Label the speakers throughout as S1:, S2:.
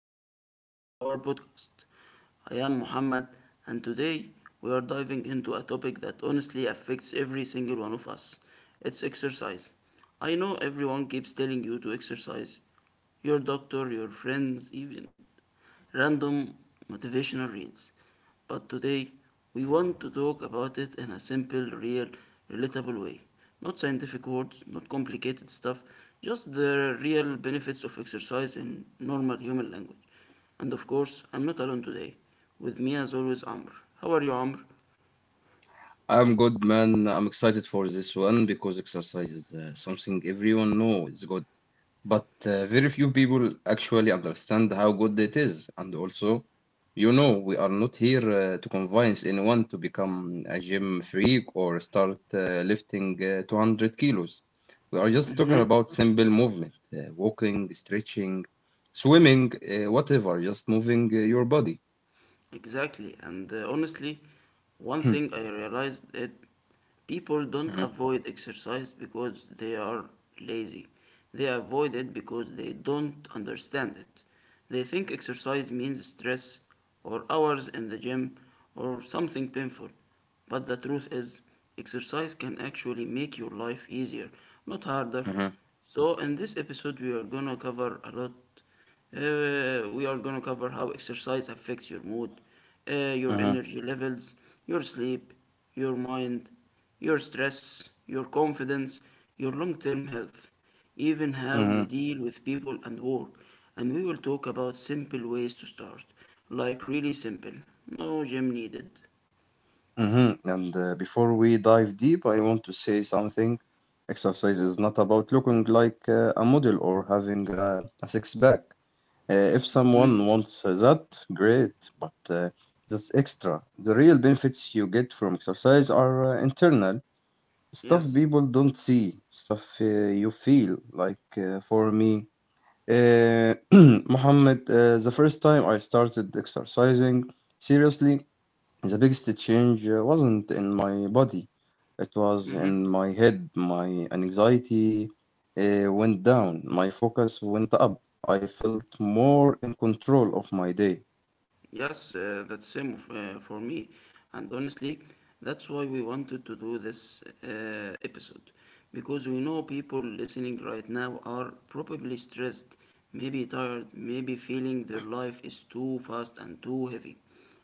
S1: another episode of our podcast. I am Muhammad and today we are diving into a topic that honestly affects every single one of us. It's exercise. I know everyone keeps telling you to exercise. Your doctor, your friends, even random motivational reads. But today, we want to talk about it in a simple, real, relatable way. Not scientific words, not complicated stuff, just the real benefits of exercise in normal human language. And of course, I'm not alone today. With me, as always, Amr. How are you, Amr?
S2: I'm good, man. I'm excited for this one because exercise is something everyone knows is good, but very few people actually understand how good it is. And also, you know, we are not here to convince anyone to become a gym freak or start lifting 200 kilos. We are just talking about simple movement, walking, stretching, swimming, whatever, just moving your body.
S1: Exactly, and honestly, one thing I realized it, people don't
S2: Mhm,
S1: avoid exercise because they are lazy. They avoid it because they don't understand it. They think exercise means stress or hours in the gym or something painful. But the truth is, exercise can actually make your life easier, not harder.
S2: mhm,
S1: So, in this episode, we are gonna cover a lot, we are gonna cover how exercise affects your mood, your
S2: mhm,
S1: energy levels, your sleep, your mind, your stress, your confidence, your long term health, even how
S2: mhm.
S1: you deal with people and work. And we will talk about simple ways to start, like really simple, no gym needed.
S2: Mm-hmm. And before we dive deep, I want to say something. Exercise is not about looking like a model or having a six pack. If
S1: Mhm.
S2: someone wants that, great, but that's extra. The real benefits you get from exercise are internal stuff
S1: Yes.
S2: people don't see, stuff you feel. Like for me, Mohammed, the first time I started exercising seriously. The biggest change wasn't in my body, it was in
S1: Mm-hmm.
S2: my head. My anxiety went down, my focus went up. I felt more in control of my day.
S1: Yes, that's same for me. And honestly, that's why we wanted to do this episode. Because we know people listening right now are probably stressed, maybe tired, maybe feeling their life is too fast and too heavy.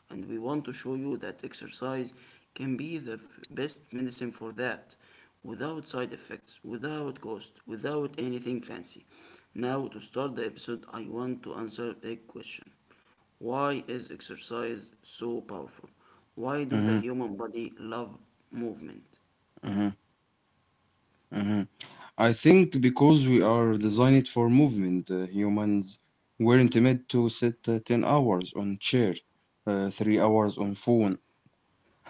S1: And we want to show you that exercise can be the best medicine for that, without side effects, without cost, without anything fancy. Now, to start the episode, I want to answer a question. Why is exercise so powerful? Why do the
S2: Mhm,
S1: human body love movement?
S2: mhm, mhm. I think because we are designed for movement. Humans weren't meant to sit 10 hours on chair, 3 hours on phone,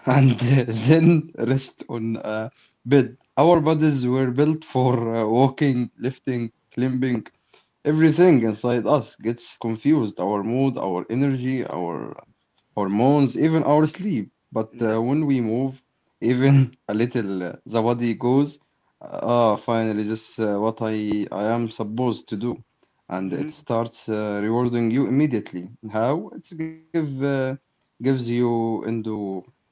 S2: and then rest on a bed. Our bodies were built for walking, lifting, climbing. Everything inside us gets confused, our mood, our energy, our hormones, even our sleep. But
S1: Yes.
S2: when we move, even a little, the body goes, ah, finally, this what I am supposed to do. And it
S1: Hmm.
S2: starts rewarding you immediately. How? It's give. Gives you endo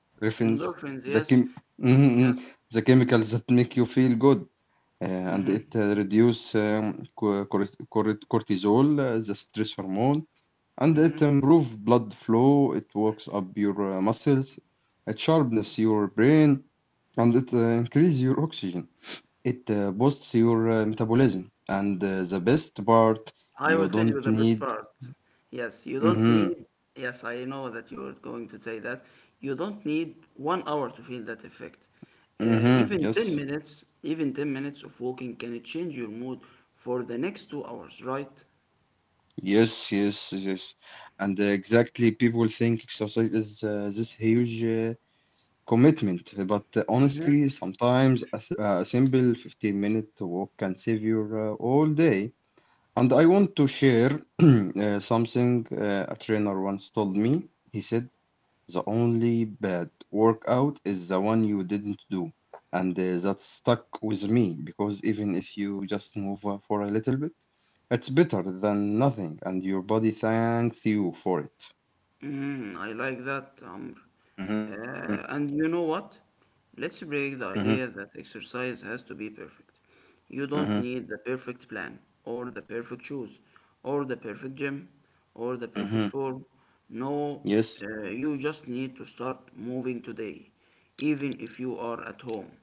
S2: Refins
S1: Endorphins.
S2: The
S1: Yes.
S2: chem mhm, mhm,
S1: Yes.
S2: the chemicals that make you feel good, and
S1: Hmm.
S2: it reduce cortisol, the stress hormone, and it
S1: Hmm.
S2: improve blood flow. It wakes up your muscles, it sharpens your brain, and it increase your oxygen. It boosts your metabolism, and the best part,
S1: I
S2: you
S1: will tell you
S2: don't
S1: the best
S2: need.
S1: part. Yes, you don't
S2: Mm-hmm,
S1: need. Yes, I know that you're going to say that. You don't need 1 hour to feel that effect.
S2: mm-hmm,
S1: Even 10
S2: yes.
S1: minutes, even 10 minutes of walking can change your mood for the next 2 hours, right?
S2: Yes, yes, yes. And exactly, people think exercise is this huge commitment. But honestly, sometimes a simple 15-minute walk can save your all day. And I want to share something a trainer once told me. He said, the only bad workout is the one you didn't do. And that stuck with me because even if you just move for a little bit, it's better than nothing, and your body thanks you for it.
S1: Mm, I like that, Amr.
S2: Mm-hmm,
S1: And you know what? Let's break
S2: mm-hmm,
S1: the idea that exercise has to be perfect. You
S2: mm-hmm,
S1: don't need the perfect plan, or the perfect shoes, or the perfect gym, or the perfect
S2: mm-hmm.
S1: form. No,
S2: Yes,
S1: you just need to start moving today, even if you are at home,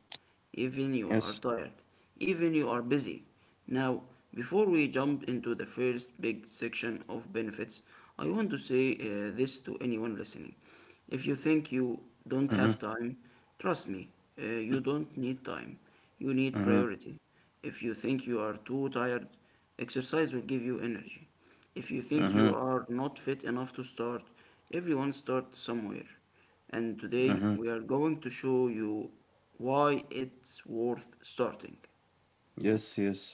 S1: even you are
S2: yes.
S1: tired, even you are busy. Now, before we jump into the first big section of benefits, I want to say this to anyone listening. If you think you don't
S2: Mm-hmm,
S1: have time, trust me, you don't need time. You need
S2: mm-hmm,
S1: priority. If you think you are too tired, exercise will give you energy. If you think
S2: mm-hmm,
S1: you are not fit enough to start, everyone starts somewhere, and
S2: mm-hmm.
S1: today we are going to show you why it's worth starting.
S2: Yes, yes,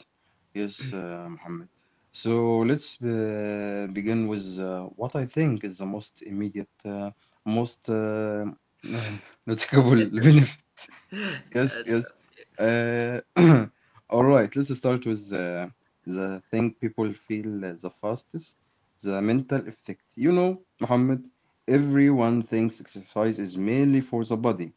S2: yes, Mohammed. So let's begin with what I think is the most immediate, most noticeable benefit. Yes,
S1: Yes.
S2: yes. Uh, all right, let's start with the thing people feel the fastest, the mental effect. You know, Muhammad, everyone thinks exercise is mainly for the body,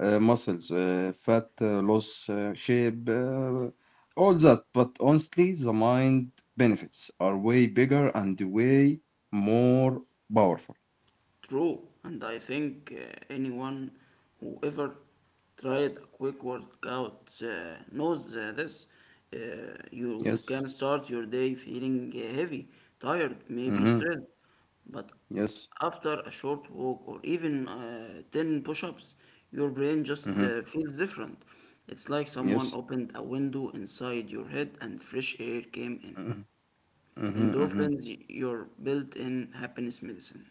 S2: muscles, fat loss, shape, all that. But honestly, the mind benefits are way bigger and way more powerful.
S1: True, and I think anyone who ever tried a quick workout knows this. You can
S2: Yes.
S1: start your day feeling heavy, tired, maybe
S2: Mm-hmm.
S1: stressed, but
S2: Yes.
S1: after a short walk or even 10 push ups, your brain just
S2: Mm-hmm.
S1: feels different. It's like someone
S2: Yes.
S1: opened a window inside your head and fresh air came in.
S2: Mm-hmm. Mm-hmm. Mm-hmm.
S1: Endorphins, your built in happiness medicine.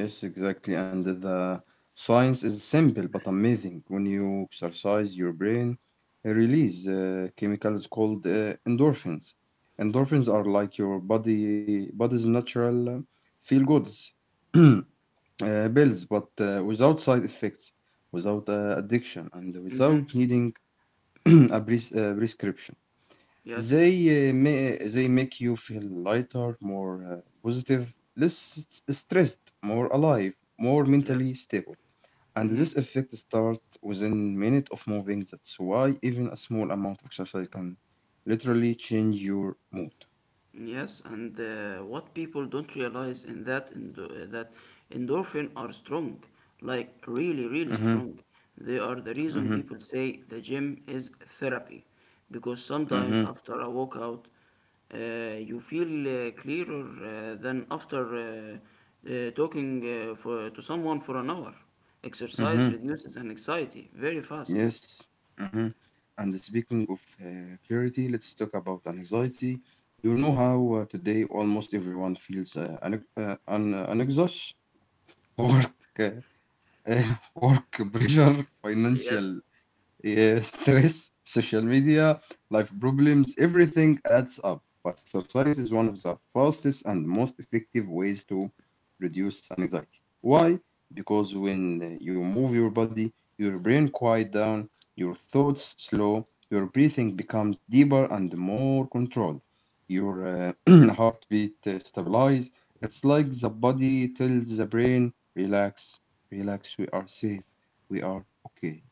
S2: Yes, exactly. And the science is simple but amazing. When you exercise, your brain release chemicals called endorphins. Endorphins are like your body's natural feel goods uh, pills, but without side effects, without addiction, and without
S1: Mm-hmm.
S2: needing a prescription.
S1: Yes.
S2: They make you feel lighter, more positive, less stressed, more alive, more
S1: Yes.
S2: mentally stable. And
S1: Hmm.
S2: this effect starts within minute of moving. That's why even a small amount of exercise can literally change your mood.
S1: Yes, and what people don't realize in that endorphin are strong, like really, really
S2: Mm-hmm,
S1: strong. They are the reason
S2: mm-hmm,
S1: people say the gym is therapy, because sometimes
S2: mm-hmm,
S1: after a workout, uh, you feel clearer than after talking to someone for an hour. Exercise
S2: mm-hmm.
S1: reduces anxiety very fast.
S2: Yes. Mm-hmm. And speaking of clarity, let's talk about an anxiety. You know how today almost everyone feels an anxious work work pressure,
S1: Yes.
S2: financial, yeah, stress, social media, life problems, everything adds up. But exercise is one of the fastest and most effective ways to reduce anxiety. Why? Because when you move your body, your brain quiet down, your thoughts slow, your breathing becomes deeper and more controlled. Your heartbeat stabilizes. It's like the body tells the brain, relax, relax, we are safe, we are okay.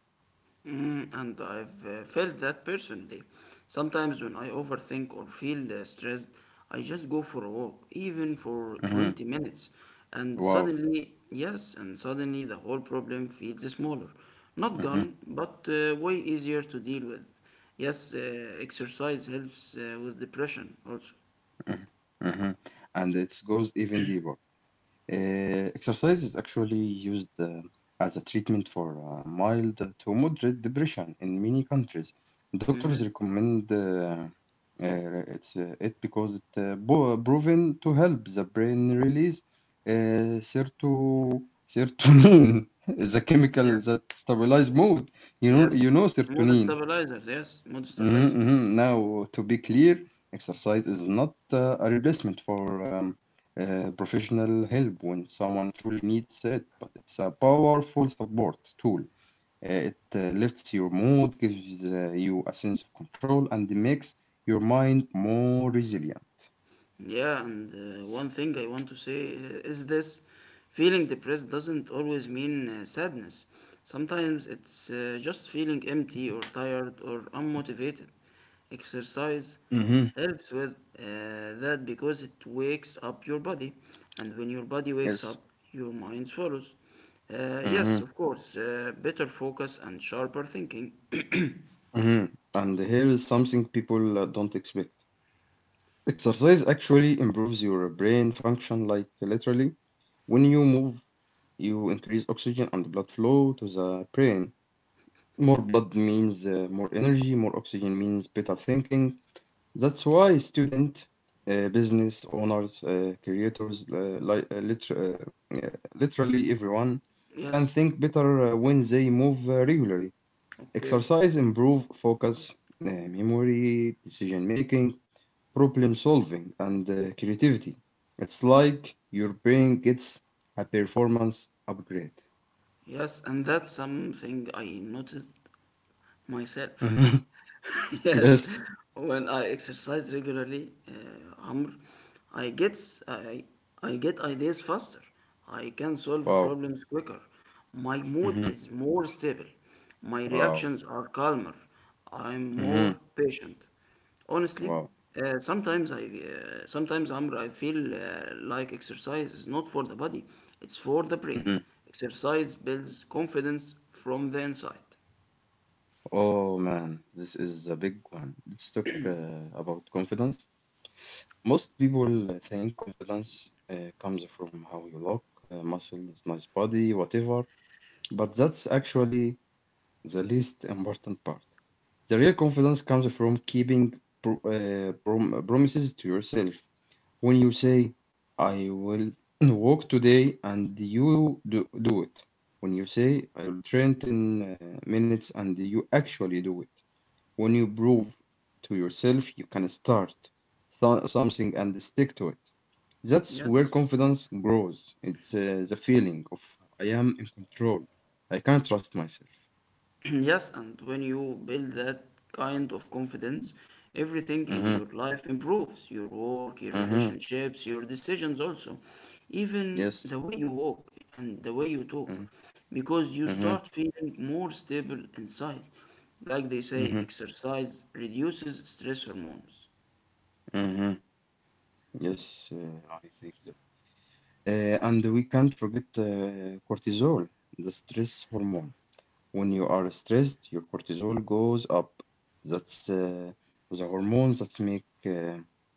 S1: Mm. And I've felt that personally. Sometimes when I overthink or feel stressed, I just go for a walk, even for
S2: Mm-hmm.
S1: 20 minutes. And
S2: Wow.
S1: suddenly, yes, and suddenly the whole problem feels smaller. Not
S2: Mhm,
S1: gone, but way easier to deal with. Yes, exercise helps with depression also.
S2: mhm, mhm. And it goes even deeper. Exercise is actually used as a treatment for mild to moderate depression in many countries.
S1: Mm-hmm.
S2: Doctors recommend it because it proven to help the brain release uh, serto- serotonin, the chemical
S1: Yes,
S2: that stabilizes mood. You
S1: yes.
S2: know
S1: Mood
S2: serotonin.
S1: stabilizers, yes, mood
S2: Mhm,
S1: stabilizers.
S2: mhm. Now, to be clear, exercise is not a replacement for professional help when someone truly needs it, but it's a powerful support tool. It lifts your mood, gives you a sense of control, and makes your mind more resilient.
S1: Yeah, and one thing I want to say is this, feeling depressed doesn't always mean sadness. Sometimes it's just feeling empty or tired or unmotivated. Exercise
S2: Mm-hmm.
S1: helps with uh, that because it wakes up your body, and when your body wakes
S2: Yes.
S1: up, your mind follows. Yes,
S2: Mm-hmm.
S1: of course, better focus and sharper thinking.
S2: Mm-hmm. And here is something people don't expect. Exercise actually improves your brain function, like literally. When you move, you increase oxygen and blood flow to the brain. More blood means more energy, more oxygen means better thinking. That's why student, business owners, creators, literally everyone can
S1: Yes,
S2: think better when they move regularly.
S1: okay.
S2: Exercise improve focus, memory, decision making, problem solving, and creativity. It's like your brain gets a performance upgrade.
S1: Yes, and that's something I noticed myself.
S2: Mhm.
S1: yes,
S2: Yes.
S1: when I exercise regularly, Amr, I get s- I, I get ideas faster. I can solve
S2: Wow.
S1: problems quicker. My mood
S2: Hmm.
S1: is more stable. My
S2: Wow.
S1: reactions are calmer. I'm more
S2: Hmm.
S1: patient. Honestly,
S2: Wow.
S1: sometimes Amr, I feel like exercise is not for the body, it's for the brain.
S2: Hmm.
S1: Exercise builds confidence from the inside.
S2: Oh man, this is a big one. Let's talk about confidence. Most people think confidence comes from how you look, muscles, nice body, whatever. But that's actually the least important part. The real confidence comes from keeping promises to yourself. When you say, I will walk today, and you do it. When you say, I will train 10 minutes, and you actually do it. When you prove to yourself you can start something and stick to it. That's
S1: Yes.
S2: where confidence grows. It's the feeling of I am in control. I can trust myself.
S1: yes, and when you build that kind of confidence, everything in
S2: Mhm.
S1: your life improves, your work, your
S2: Mm-hmm.
S1: relationships, your decisions, also, even
S2: Yes.
S1: the way you walk and the way you
S2: Mm-hmm.
S1: talk, because you
S2: Mm-hmm.
S1: start feeling more stable inside. Like they say,
S2: Mm-hmm.
S1: exercise reduces stress hormones.
S2: Mm-hmm. Yes, I think that. And we can't forget cortisol, the stress hormone. When you are stressed, your cortisol goes up. That's the hormone that make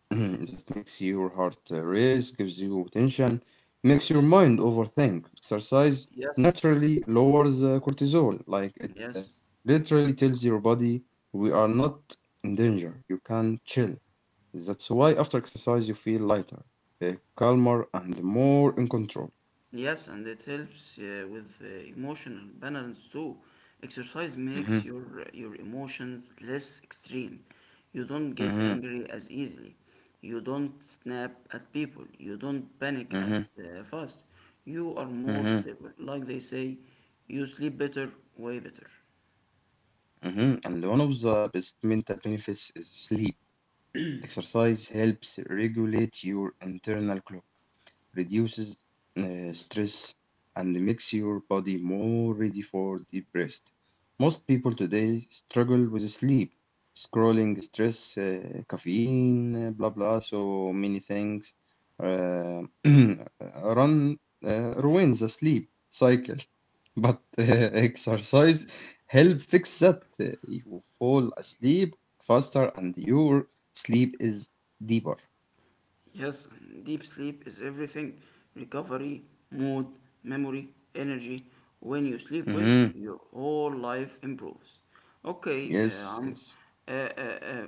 S2: that makes your heart race, gives you tension, makes your mind overthink. Exercise
S1: Yes,
S2: naturally lowers cortisol, like it
S1: yes.
S2: literally tells your body we are not in danger. You can chill. That's why after exercise you feel lighter, calmer, and more in control.
S1: Yes, and it helps with emotional balance too. Exercise makes
S2: Hmm.
S1: your emotions less extreme. You don't get
S2: Hmm.
S1: angry as easily. You don't snap at people. You don't panic
S2: Hmm.
S1: at fast. You are more
S2: Hmm.
S1: stable. Like they say, you sleep better, way better.
S2: Mhm. And one of the best mental benefits is sleep. Exercise helps regulate your internal clock, reduces stress, and makes your body more ready for deep rest. Most people today struggle with sleep, scrolling, stress, caffeine, blah blah, so many things uh, run ruins the sleep cycle. But exercise help fix that. You fall asleep faster and your sleep is deeper.
S1: Yes, deep sleep is everything, recovery, mood, memory, energy. When you sleep well,
S2: Mm-hmm.
S1: your whole life improves. Okay,
S2: Yes,
S1: I'm,
S2: yes.
S1: uh, uh, uh,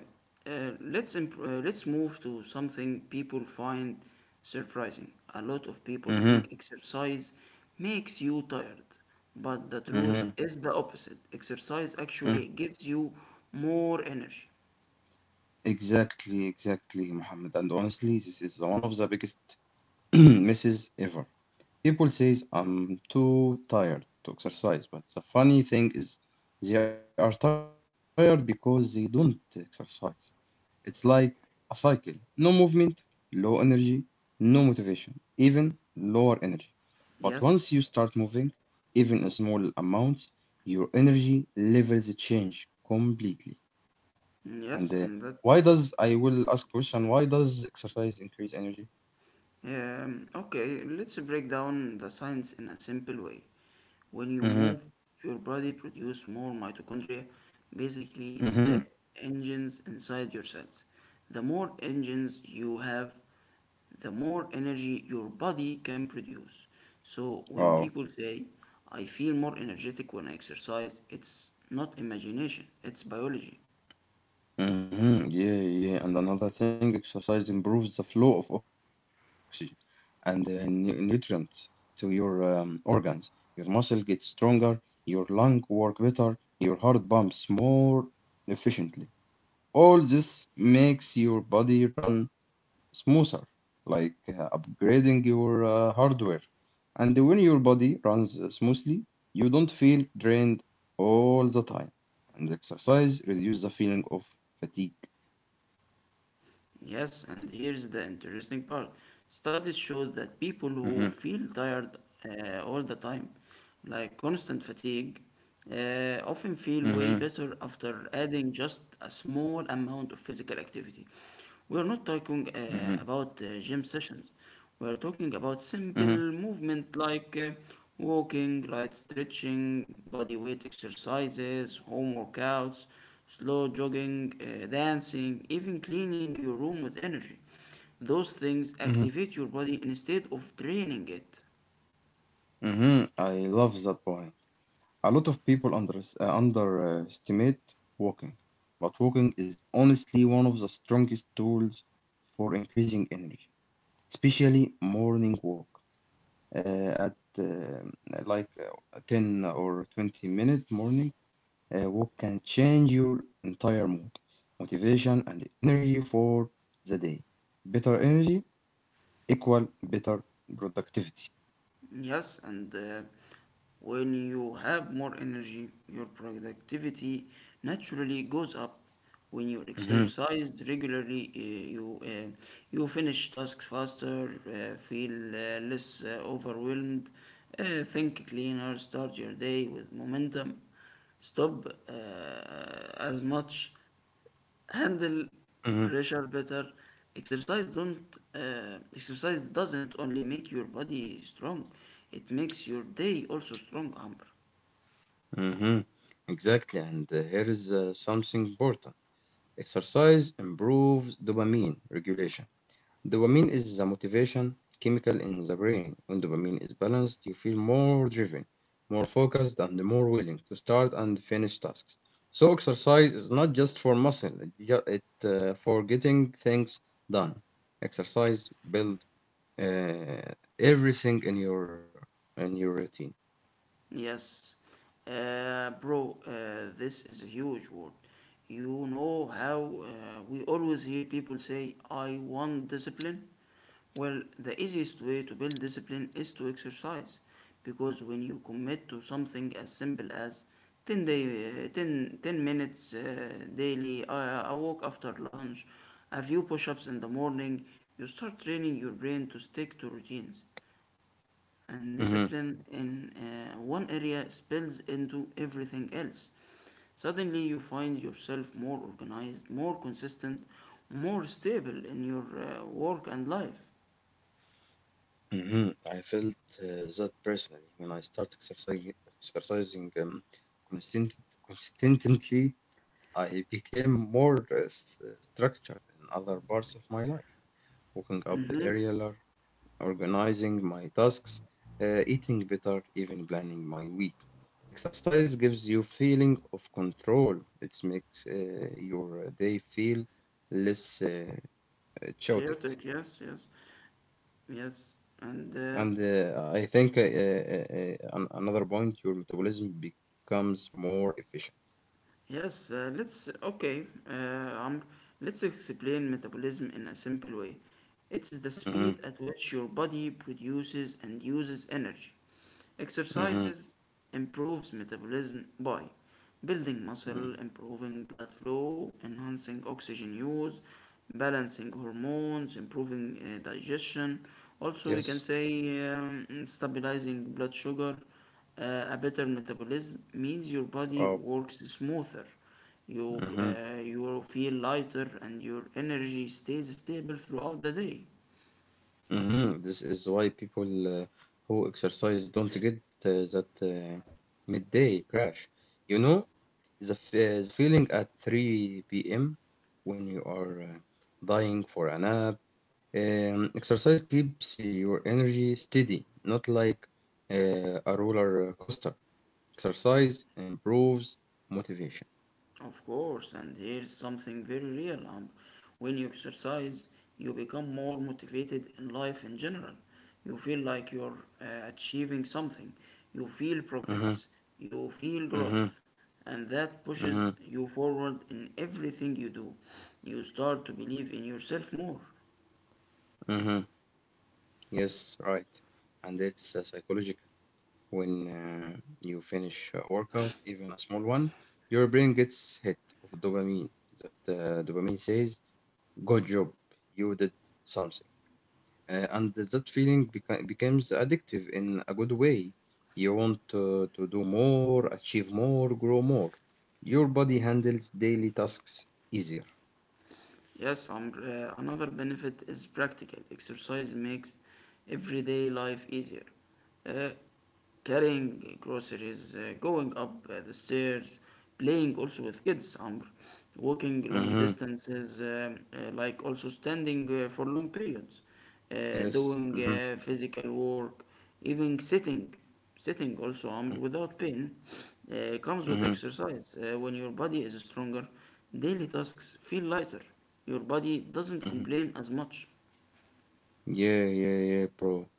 S1: let's, imp- let's move to something people find surprising. A lot of people
S2: Mm-hmm.
S1: think exercise makes you tired, but the truth
S2: Mm-hmm.
S1: is the opposite. Exercise
S2: Mm.
S1: actually gives you more energy.
S2: Exactly, exactly, Muhammad. And honestly, this is one of the biggest misses ever. People says I'm too tired to exercise, but the funny thing is they are tired because they don't exercise. It's like a cycle. No movement, low energy, no motivation, even lower energy. But once
S1: Yes,
S2: you start moving, even in small amounts, your energy levels change completely.
S1: yes,
S2: And
S1: and that
S2: I will ask question, why does exercise increase energy?
S1: Okay, let's break down the science in a simple way. When you move,
S2: Mm-hmm.
S1: your body produces more mitochondria, basically the
S2: Mm-hmm.
S1: engines inside your cells. The more engines you have, the more energy your body can produce. So when people
S2: Wow.
S1: say, I feel more energetic when I exercise, it's not imagination, it's biology.
S2: Mm-hmm. Yeah, yeah. And another thing, exercise improves the flow of oxygen and nutrients to your organs. Your muscle gets stronger, your lung work better, your heart pumps more efficiently. All this makes your body run smoother, like upgrading your hardware. And when your body runs smoothly, you don't feel drained all the time. And exercise reduces the feeling of fatigue.
S1: Yes, and here's the interesting part. Studies show that people
S2: Mm-hmm,
S1: who feel tired all the time, like constant fatigue, often feel way
S2: mm-hmm,
S1: better after adding just a small amount of physical activity. We are not talking
S2: mm-hmm,
S1: about gym sessions. We are talking about simple movement like walking, light stretching, body weight exercises, home workouts, slow jogging, dancing, even cleaning your room with energy. Those things
S2: mm-hmm,
S1: activate your body instead of draining it.
S2: mm-hmm. I love that point. A lot of people underestimate walking, but walking is honestly one of the strongest tools for increasing energy, especially morning walk. Uh, at Like a 10 or 20-minute morning walk can change your entire mood, motivation, and energy for the day. Better energy equal better productivity.
S1: Yes, and when you have more energy, your productivity naturally goes up. When you
S2: Mhm,
S1: exercise regularly, you finish tasks faster, feel less overwhelmed, think cleaner, start your day with momentum, stop as much, handle
S2: mhm,
S1: pressure better. Exercise don't uh, exercise doesn't only make your body strong, it makes your day also strong, amber.
S2: mhm. Exactly, and here is something important. Exercise improves dopamine regulation. Dopamine is the motivation chemical in the brain. When dopamine is balanced, you feel more driven, more focused, and more willing to start and finish tasks. So exercise is not just for muscle; it, for getting things done. Exercise build uh, everything in your routine.
S1: Yes. Bro, this is a huge word. You know how we always hear people say, I want discipline? Well, the easiest way to build discipline is to exercise. Because when you commit to something as simple as 10, 10, ten minutes daily, a walk after lunch, a few push ups in the morning, you start training your brain to stick to routines, and discipline in one area spills into everything else. Suddenly, you find yourself more organized, more consistent, more stable in your work and life.
S2: Hmm. I felt that personally when I started exercising, exercising um, consistent, consistently. I became more structured in other parts of my life, waking up
S1: Mm-hmm.
S2: earlier, organizing my tasks, eating better, even planning my week. Exercise gives you feeling of control. It makes your day feel less chaotic.
S1: Chaotic, yes, yes, yes, and
S2: And I think another point, your metabolism becomes more efficient.
S1: yes. Let's, okay. Amr, let's explain metabolism in a simple way. It's the
S2: Hmm.
S1: speed at which your body produces and uses energy.
S2: Hmm.
S1: Exercises improves metabolism by building muscle,
S2: Hmm.
S1: improving blood flow, enhancing oxygen use, balancing hormones, improving digestion. Also, we can
S2: Yes.
S1: say stabilizing blood sugar. A better metabolism means your body
S2: Wow.
S1: works smoother. You,
S2: Hmm.
S1: uh, you feel lighter and your energy stays stable throughout the day.
S2: Hmm. This is why people who exercise don't get that midday crash. You know, the feeling at 3 p.m. when you are dying for a nap. Exercise keeps your energy steady, not like a roller coaster. Exercise improves motivation.
S1: Of course, and here's something very real, Amr. When you exercise, you become more motivated in life in general. You feel like you're achieving something. You feel
S2: Uh.
S1: progress. You feel
S2: Uh huh. Huh.
S1: growth. And that
S2: Uh
S1: pushes
S2: huh.
S1: you forward in everything you do. You start to believe in yourself more.
S2: Uh huh. Yes, right. And it's psychological. When you finish a workout, even a small one, your brain gets hit of dopamine. That dopamine says, "Good job, you did something." And that feeling becomes addictive in a good way. You want to do more, achieve more, grow more. Your body handles daily tasks easier.
S1: Yes, Amr, another benefit is practical. Exercise makes everyday life easier. Uh, Carrying groceries, going up the stairs, playing also with kids, Amr, walking long
S2: Mm-hmm.
S1: distances, like also standing for long periods
S2: Yes.
S1: doing
S2: Mm-hmm.
S1: physical work, even sitting. Sitting also without pain comes with
S2: Mm-hmm.
S1: exercise. When your body is stronger, daily tasks feel lighter. Your body doesn't
S2: Mm-hmm.
S1: complain as much.
S2: Yeah, yeah, yeah, bro.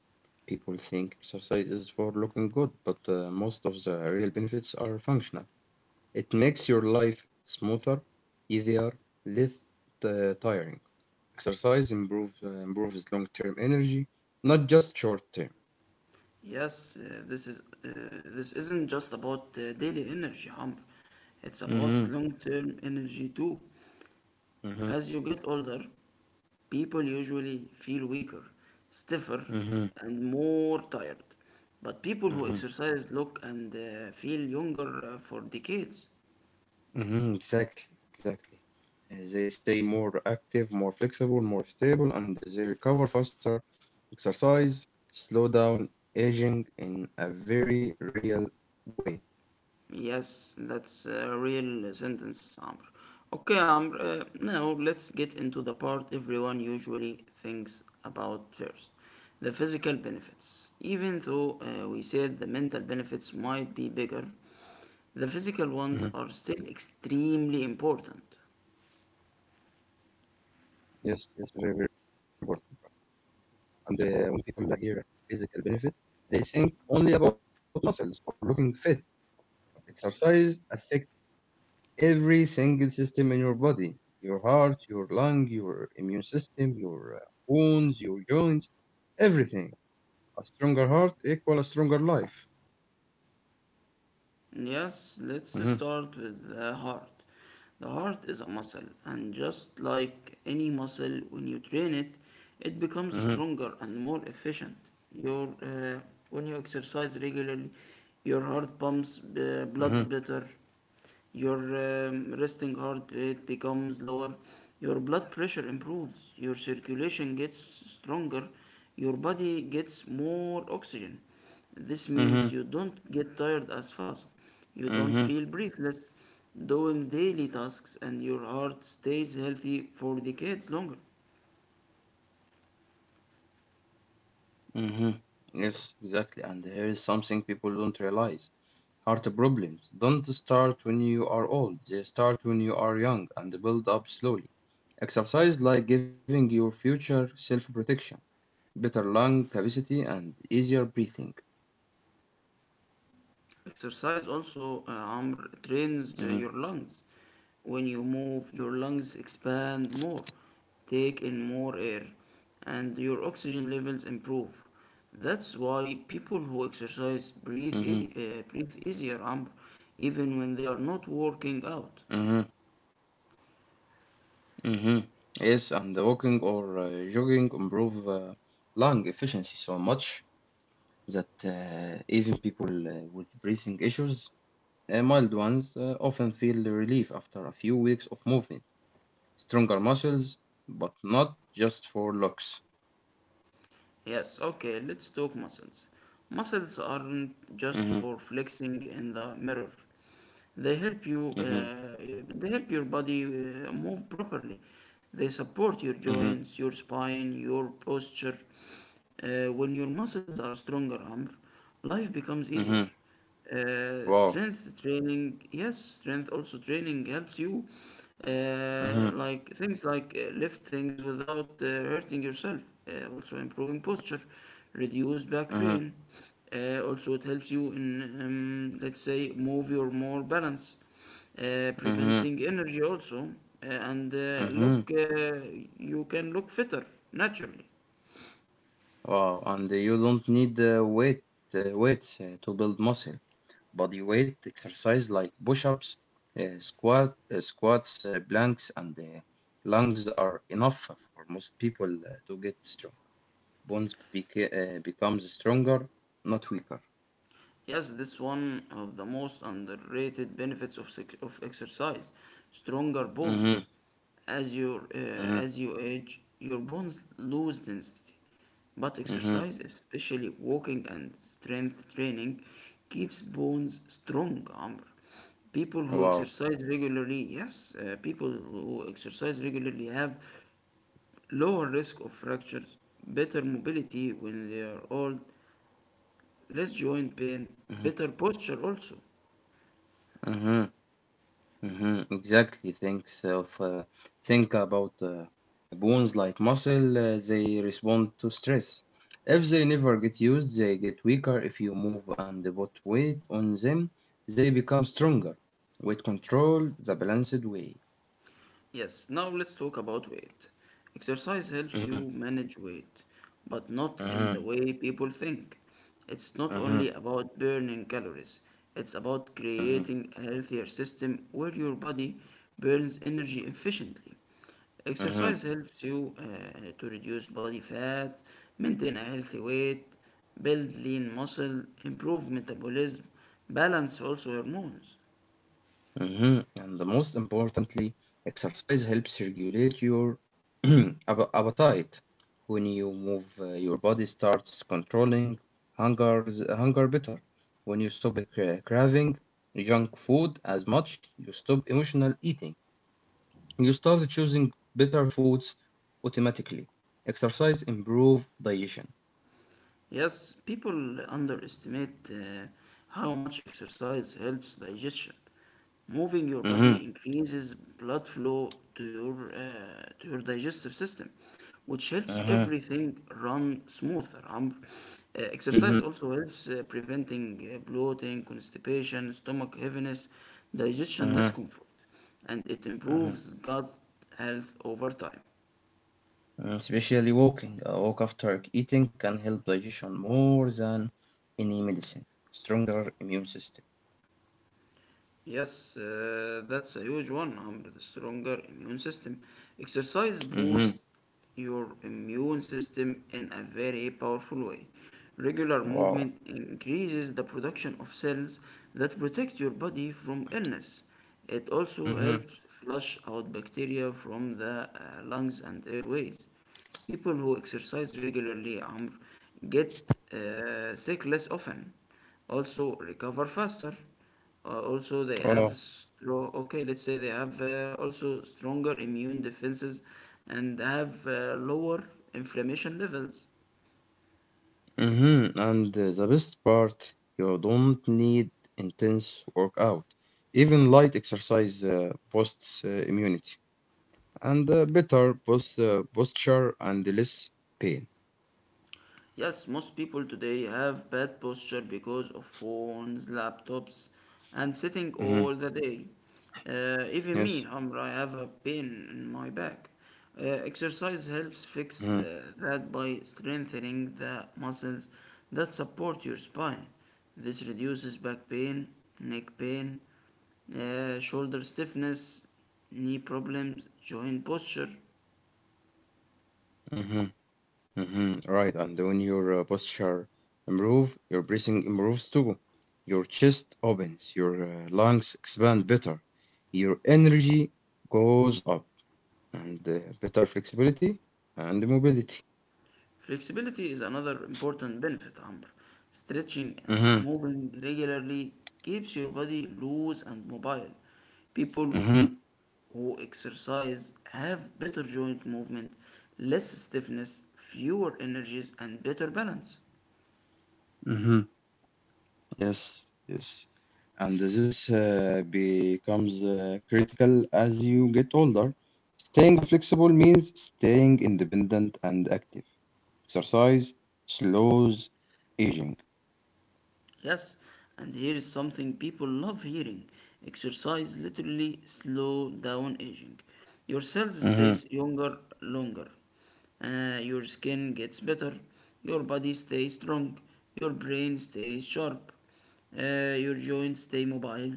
S2: People think exercise is for looking good, but most of the real benefits are functional. It makes your life smoother, easier, less tiring. Exercise improves long-term energy, not just short-term.
S1: Yes, uh, this isn't just about daily energy, Amr. It's about
S2: Mm-hmm.
S1: long-term energy too.
S2: Mm-hmm.
S1: As you get older, people usually feel weaker, stiffer,
S2: Mm-hmm.
S1: and more tired. But people who
S2: Mm-hmm.
S1: exercise look and feel younger for decades.
S2: Mm-hmm. Exactly. Exactly. They stay more active, more flexible, more stable, and they recover faster. Exercise slow down aging in a very real way.
S1: Yes, that's a real sentence, Amr. Okay, Amr, now let's get into the part everyone usually thinks about first, the physical benefits. Even though we said the mental
S2: Mhm.
S1: benefits might be bigger, the physical ones are still extremely important.
S2: Yes, yes, very, very important. And when people hear physical benefit, they think only about muscles or looking fit. Exercise affects every single system in your body, your heart, your lung, your immune system, your bones, your joints, everything. A stronger heart equals a stronger life.
S1: Yes, let's
S2: Mhm.
S1: start with the heart. The heart is a muscle, and just like any muscle, when you train
S2: Mhm.
S1: it, it becomes stronger and more efficient. Your, uh, when you exercise regularly, your heart pumps
S2: Mhm.
S1: blood better, your resting heart rate becomes lower, your blood pressure improves, your circulation gets stronger, your body gets more oxygen. This
S2: Mhm.
S1: means you don't get tired as fast, you
S2: Mhm.
S1: don't feel breathless, doing daily tasks, and your heart stays healthy for decades longer.
S2: Hmm. Yes, exactly. And here is something people don't realize. Heart problems don't start when you are old, they start when you are young and build up slowly. Exercise like giving your future self protection, better lung capacity, and easier breathing.
S1: Exercise also, Amr, trains
S2: Hmm.
S1: your lungs. When you move, your lungs expand more, take in more air, and your oxygen levels improve. That's why people who exercise
S2: Hmm.
S1: breathe easier, Amr, even when they are not working out.
S2: Hmm. Hmm. Yes, and walking or jogging improve lung efficiency so much that even people with breathing issues, mild ones often feel relief after a few weeks of movement, stronger muscles, but not just for looks.
S1: Yes, okay, let's talk muscles. Muscles aren't just
S2: Mm-hmm.
S1: for flexing in the mirror. They help you.
S2: Mm-hmm.
S1: They help your body move properly. They support your
S2: Mm-hmm.
S1: joints, your spine, your posture. When your muscles are stronger, Amr, life becomes easier.
S2: Mm-hmm. Wow.
S1: Strength also training helps you.
S2: Mm-hmm.
S1: Like things like lift things without hurting yourself, also improving posture, reduce back
S2: Mm-hmm.
S1: pain. Also, it helps you in, let's say, move your more balance,
S2: Mm-hmm.
S1: preventing energy also. Uh, and uh,
S2: Mm-hmm.
S1: look, uh, you can look fitter naturally.
S2: Wow. And you don't need weight weights to build muscle. Body weight exercise like push-ups, squats, planks, and lunges are enough for most people to get strong. Bonds becomes stronger, not weaker.
S1: Yes, this one of the most underrated benefits of exercise, stronger bones.
S2: Mm-hmm.
S1: As your uh,
S2: Mm-hmm.
S1: as you age, your bones lose density, but
S2: Mm-hmm.
S1: exercise, especially walking and strength training, keeps bones strong, Amr.
S2: Wow.
S1: People who exercise regularly have lower risk of fractures, better mobility when they are old, less joint pain,
S2: Mm-hmm.
S1: better posture also.
S2: Mm-hmm. Mm-hmm. Exactly. Thanks of think about bones like muscle. They respond to stress. If they never get used, they get weaker. If you move and put weight on them, they become stronger. Weight control the balanced way.
S1: Yes, now let's talk about weight. Exercise helps you
S2: Mm-hmm.
S1: manage weight, but not in the
S2: Mm-hmm.
S1: way people think. It's not
S2: Mm-hmm.
S1: only about burning calories, it's about creating a healthier system where your body burns energy efficiently.
S2: Mm-hmm.
S1: Exercise helps you to reduce body fat, maintain a healthy weight, build lean muscle, improve metabolism, balance also hormones.
S2: Mhm. And the most importantly, exercise helps regulate your appetite. When you move, your body starts controlling hunger, hunger better. When you stop craving junk food as much, you stop emotional eating. You start choosing better foods automatically. Exercise improve digestion.
S1: Yes, people underestimate how much exercise helps digestion. Moving your
S2: Mhm.
S1: body increases blood flow to your digestive system, which helps
S2: Mhm.
S1: everything run smoother.
S2: Mhm.
S1: Exercise also helps preventing bloating, constipation, stomach heaviness, digestion
S2: Mhm.
S1: discomfort, and it
S2: Mhm.
S1: improves gut health over time.
S2: Mm. Especially walking. A walk after eating can help digestion more than any medicine. Stronger immune system.
S1: Yes, that's a huge one, Amr. The stronger immune system. Exercise boosts
S2: Mm-hmm.
S1: your immune system in a very powerful way. Regular movement
S2: Wow.
S1: increases the production of cells that protect your body from illness. It also helps
S2: Mm-hmm.
S1: flush out bacteria from the lungs and airways. People who exercise regularly, Amr, get sick less often, also recover faster. Also, they have
S2: Wow.
S1: strong. Okay, let's say they have also stronger immune defenses and have lower inflammation levels.
S2: Mm-hmm. And the best part, you don't need intense workout. Even light exercise boosts immunity and better both posture and less pain.
S1: Yes, most people today have bad posture because of phones, laptops, and sitting
S2: Mm-hmm.
S1: all the day. Even me,
S2: Yes.
S1: Hamra, I have a pain in my back. Exercise helps fix
S2: Mm-hmm.
S1: that by strengthening the muscles that support your spine. This reduces back pain, neck pain, shoulder stiffness, knee problems, joint posture.
S2: Mm-hmm. Mm-hmm. Right, and when your posture improve, your breathing improves too. Your chest opens, your lungs expand better, your energy goes up, and better flexibility and mobility.
S1: Flexibility is another important benefit, Amr. Stretching and
S2: Mm-hmm.
S1: moving regularly keeps your body loose and mobile. People
S2: Mm-hmm.
S1: who exercise have better joint movement, less stiffness, fewer energies, and better balance.
S2: Mm-hmm. Yes, yes. And this becomes critical as you get older. Staying flexible means staying independent and active. Exercise slows aging.
S1: Yes, and here is something people love hearing. Exercise literally slow down aging. Your cells
S2: Mhm.
S1: stays younger longer. Your skin gets better. Your body stays strong. Your brain stays sharp. Your joints stay mobile.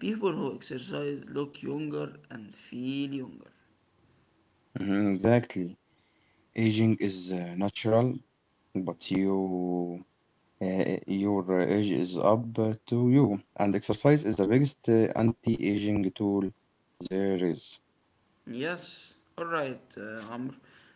S1: People who exercise look younger and feel younger.
S2: Mhm. Exactly. Aging is natural, but your age is up to you. And exercise is the biggest anti-aging tool there is.
S1: Yes, all right, Amr.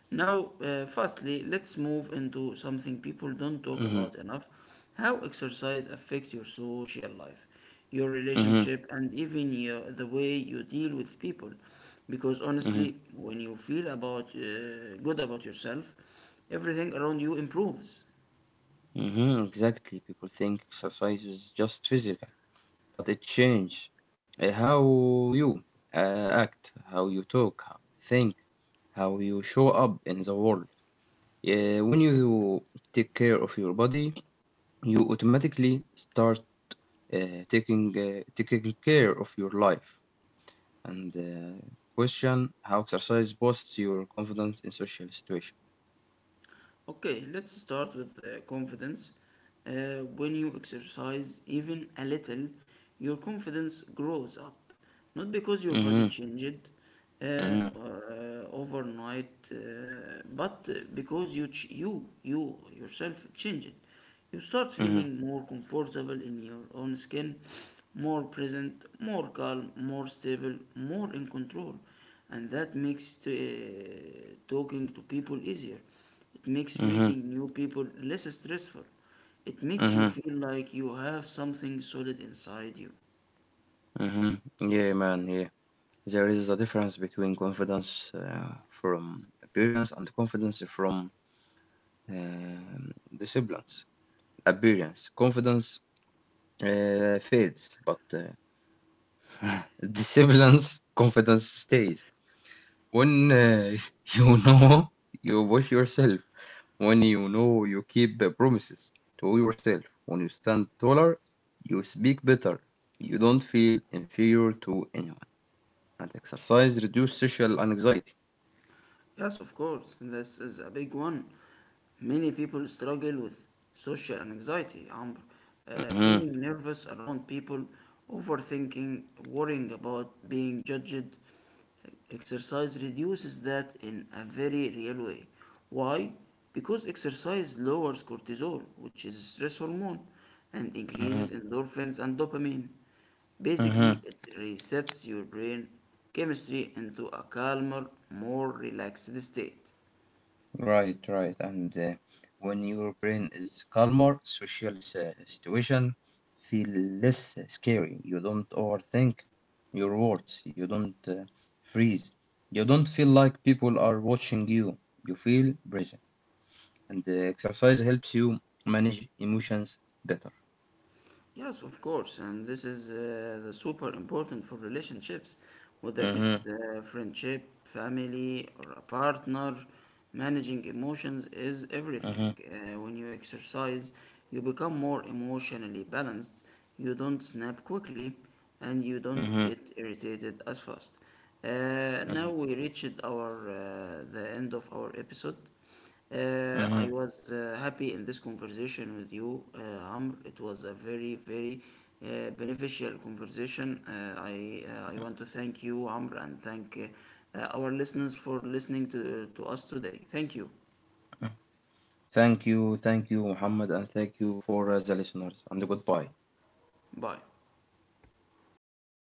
S1: Now, firstly, let's move into something people don't talk
S2: Mm-hmm.
S1: about enough, how exercise affects your social life, your
S2: Mm-hmm.
S1: relationship, and even the way you deal with people. Because
S2: Mm-hmm.
S1: honestly, when you feel about good about yourself, everything around you improves.
S2: Mm-hmm. Exactly. People think exercise is just physical, but it changes how you act, how you talk, how you think, how you show up in the world. Yeah, when you take care of your body, you automatically start taking care of your life and question how exercise boosts your confidence in social situation.
S1: Okay, let's start with confidence. When you exercise even a little, your confidence grows up. Not because your body
S2: Mm-hmm.
S1: changed uh,
S2: Mm-hmm.
S1: or, uh, overnight, but because you yourself changed. You start
S2: Mm-hmm.
S1: feeling more comfortable in your own skin, more present, more calm, more stable, more in control. And that makes talking to people easier, it makes
S2: Mm-hmm.
S1: meeting new people less stressful. It makes you
S2: Mm-hmm.
S1: feel like you have something solid inside you.
S2: Mm-hmm. Yeah, man. Yeah, there is a difference between confidence from appearance and confidence from um disciplines. Appearance, confidence fades, but disciplines, confidence stays. When you know you watch yourself, when you know you keep the promises to yourself, when you stand taller, you speak better, you don't feel inferior to anyone, and exercise reduce social anxiety.
S1: Yes, of course, this is a big one. Many people struggle with social anxiety,
S2: Mm-hmm.
S1: feeling nervous around people, overthinking, worrying about being judged. Exercise reduces that in a very real way. Why? Because exercise lowers cortisol, which is a stress hormone, and
S2: Mm-hmm.
S1: increases endorphins and dopamine. Basically, it resets your brain chemistry into a calmer, more relaxed state.
S2: Right, right. And when your brain is calmer, situation feel less scary. You don't overthink your words. You don't uh, freeze. You don't feel like people are watching you. You feel present. And the exercise helps you manage emotions better.
S1: Yes, of course, and this is the super important for relationships, whether
S2: Hmm.
S1: it's friendship, family, or a partner. Managing emotions is everything.
S2: Hmm.
S1: When you exercise, you become more emotionally balanced. You don't snap quickly, and you don't
S2: Hmm.
S1: get irritated as fast. Now
S2: Hmm.
S1: we reached our the end of our episode. Uh, I
S2: Hmm.
S1: was uh, happy in this conversation with you, Amr. It was a very, very beneficial conversation. I want to thank you, Amr, and thank our listeners for listening to us today. Thank you.
S2: Thank you, Muhammad, and thank you for the listeners. And goodbye.
S1: Bye.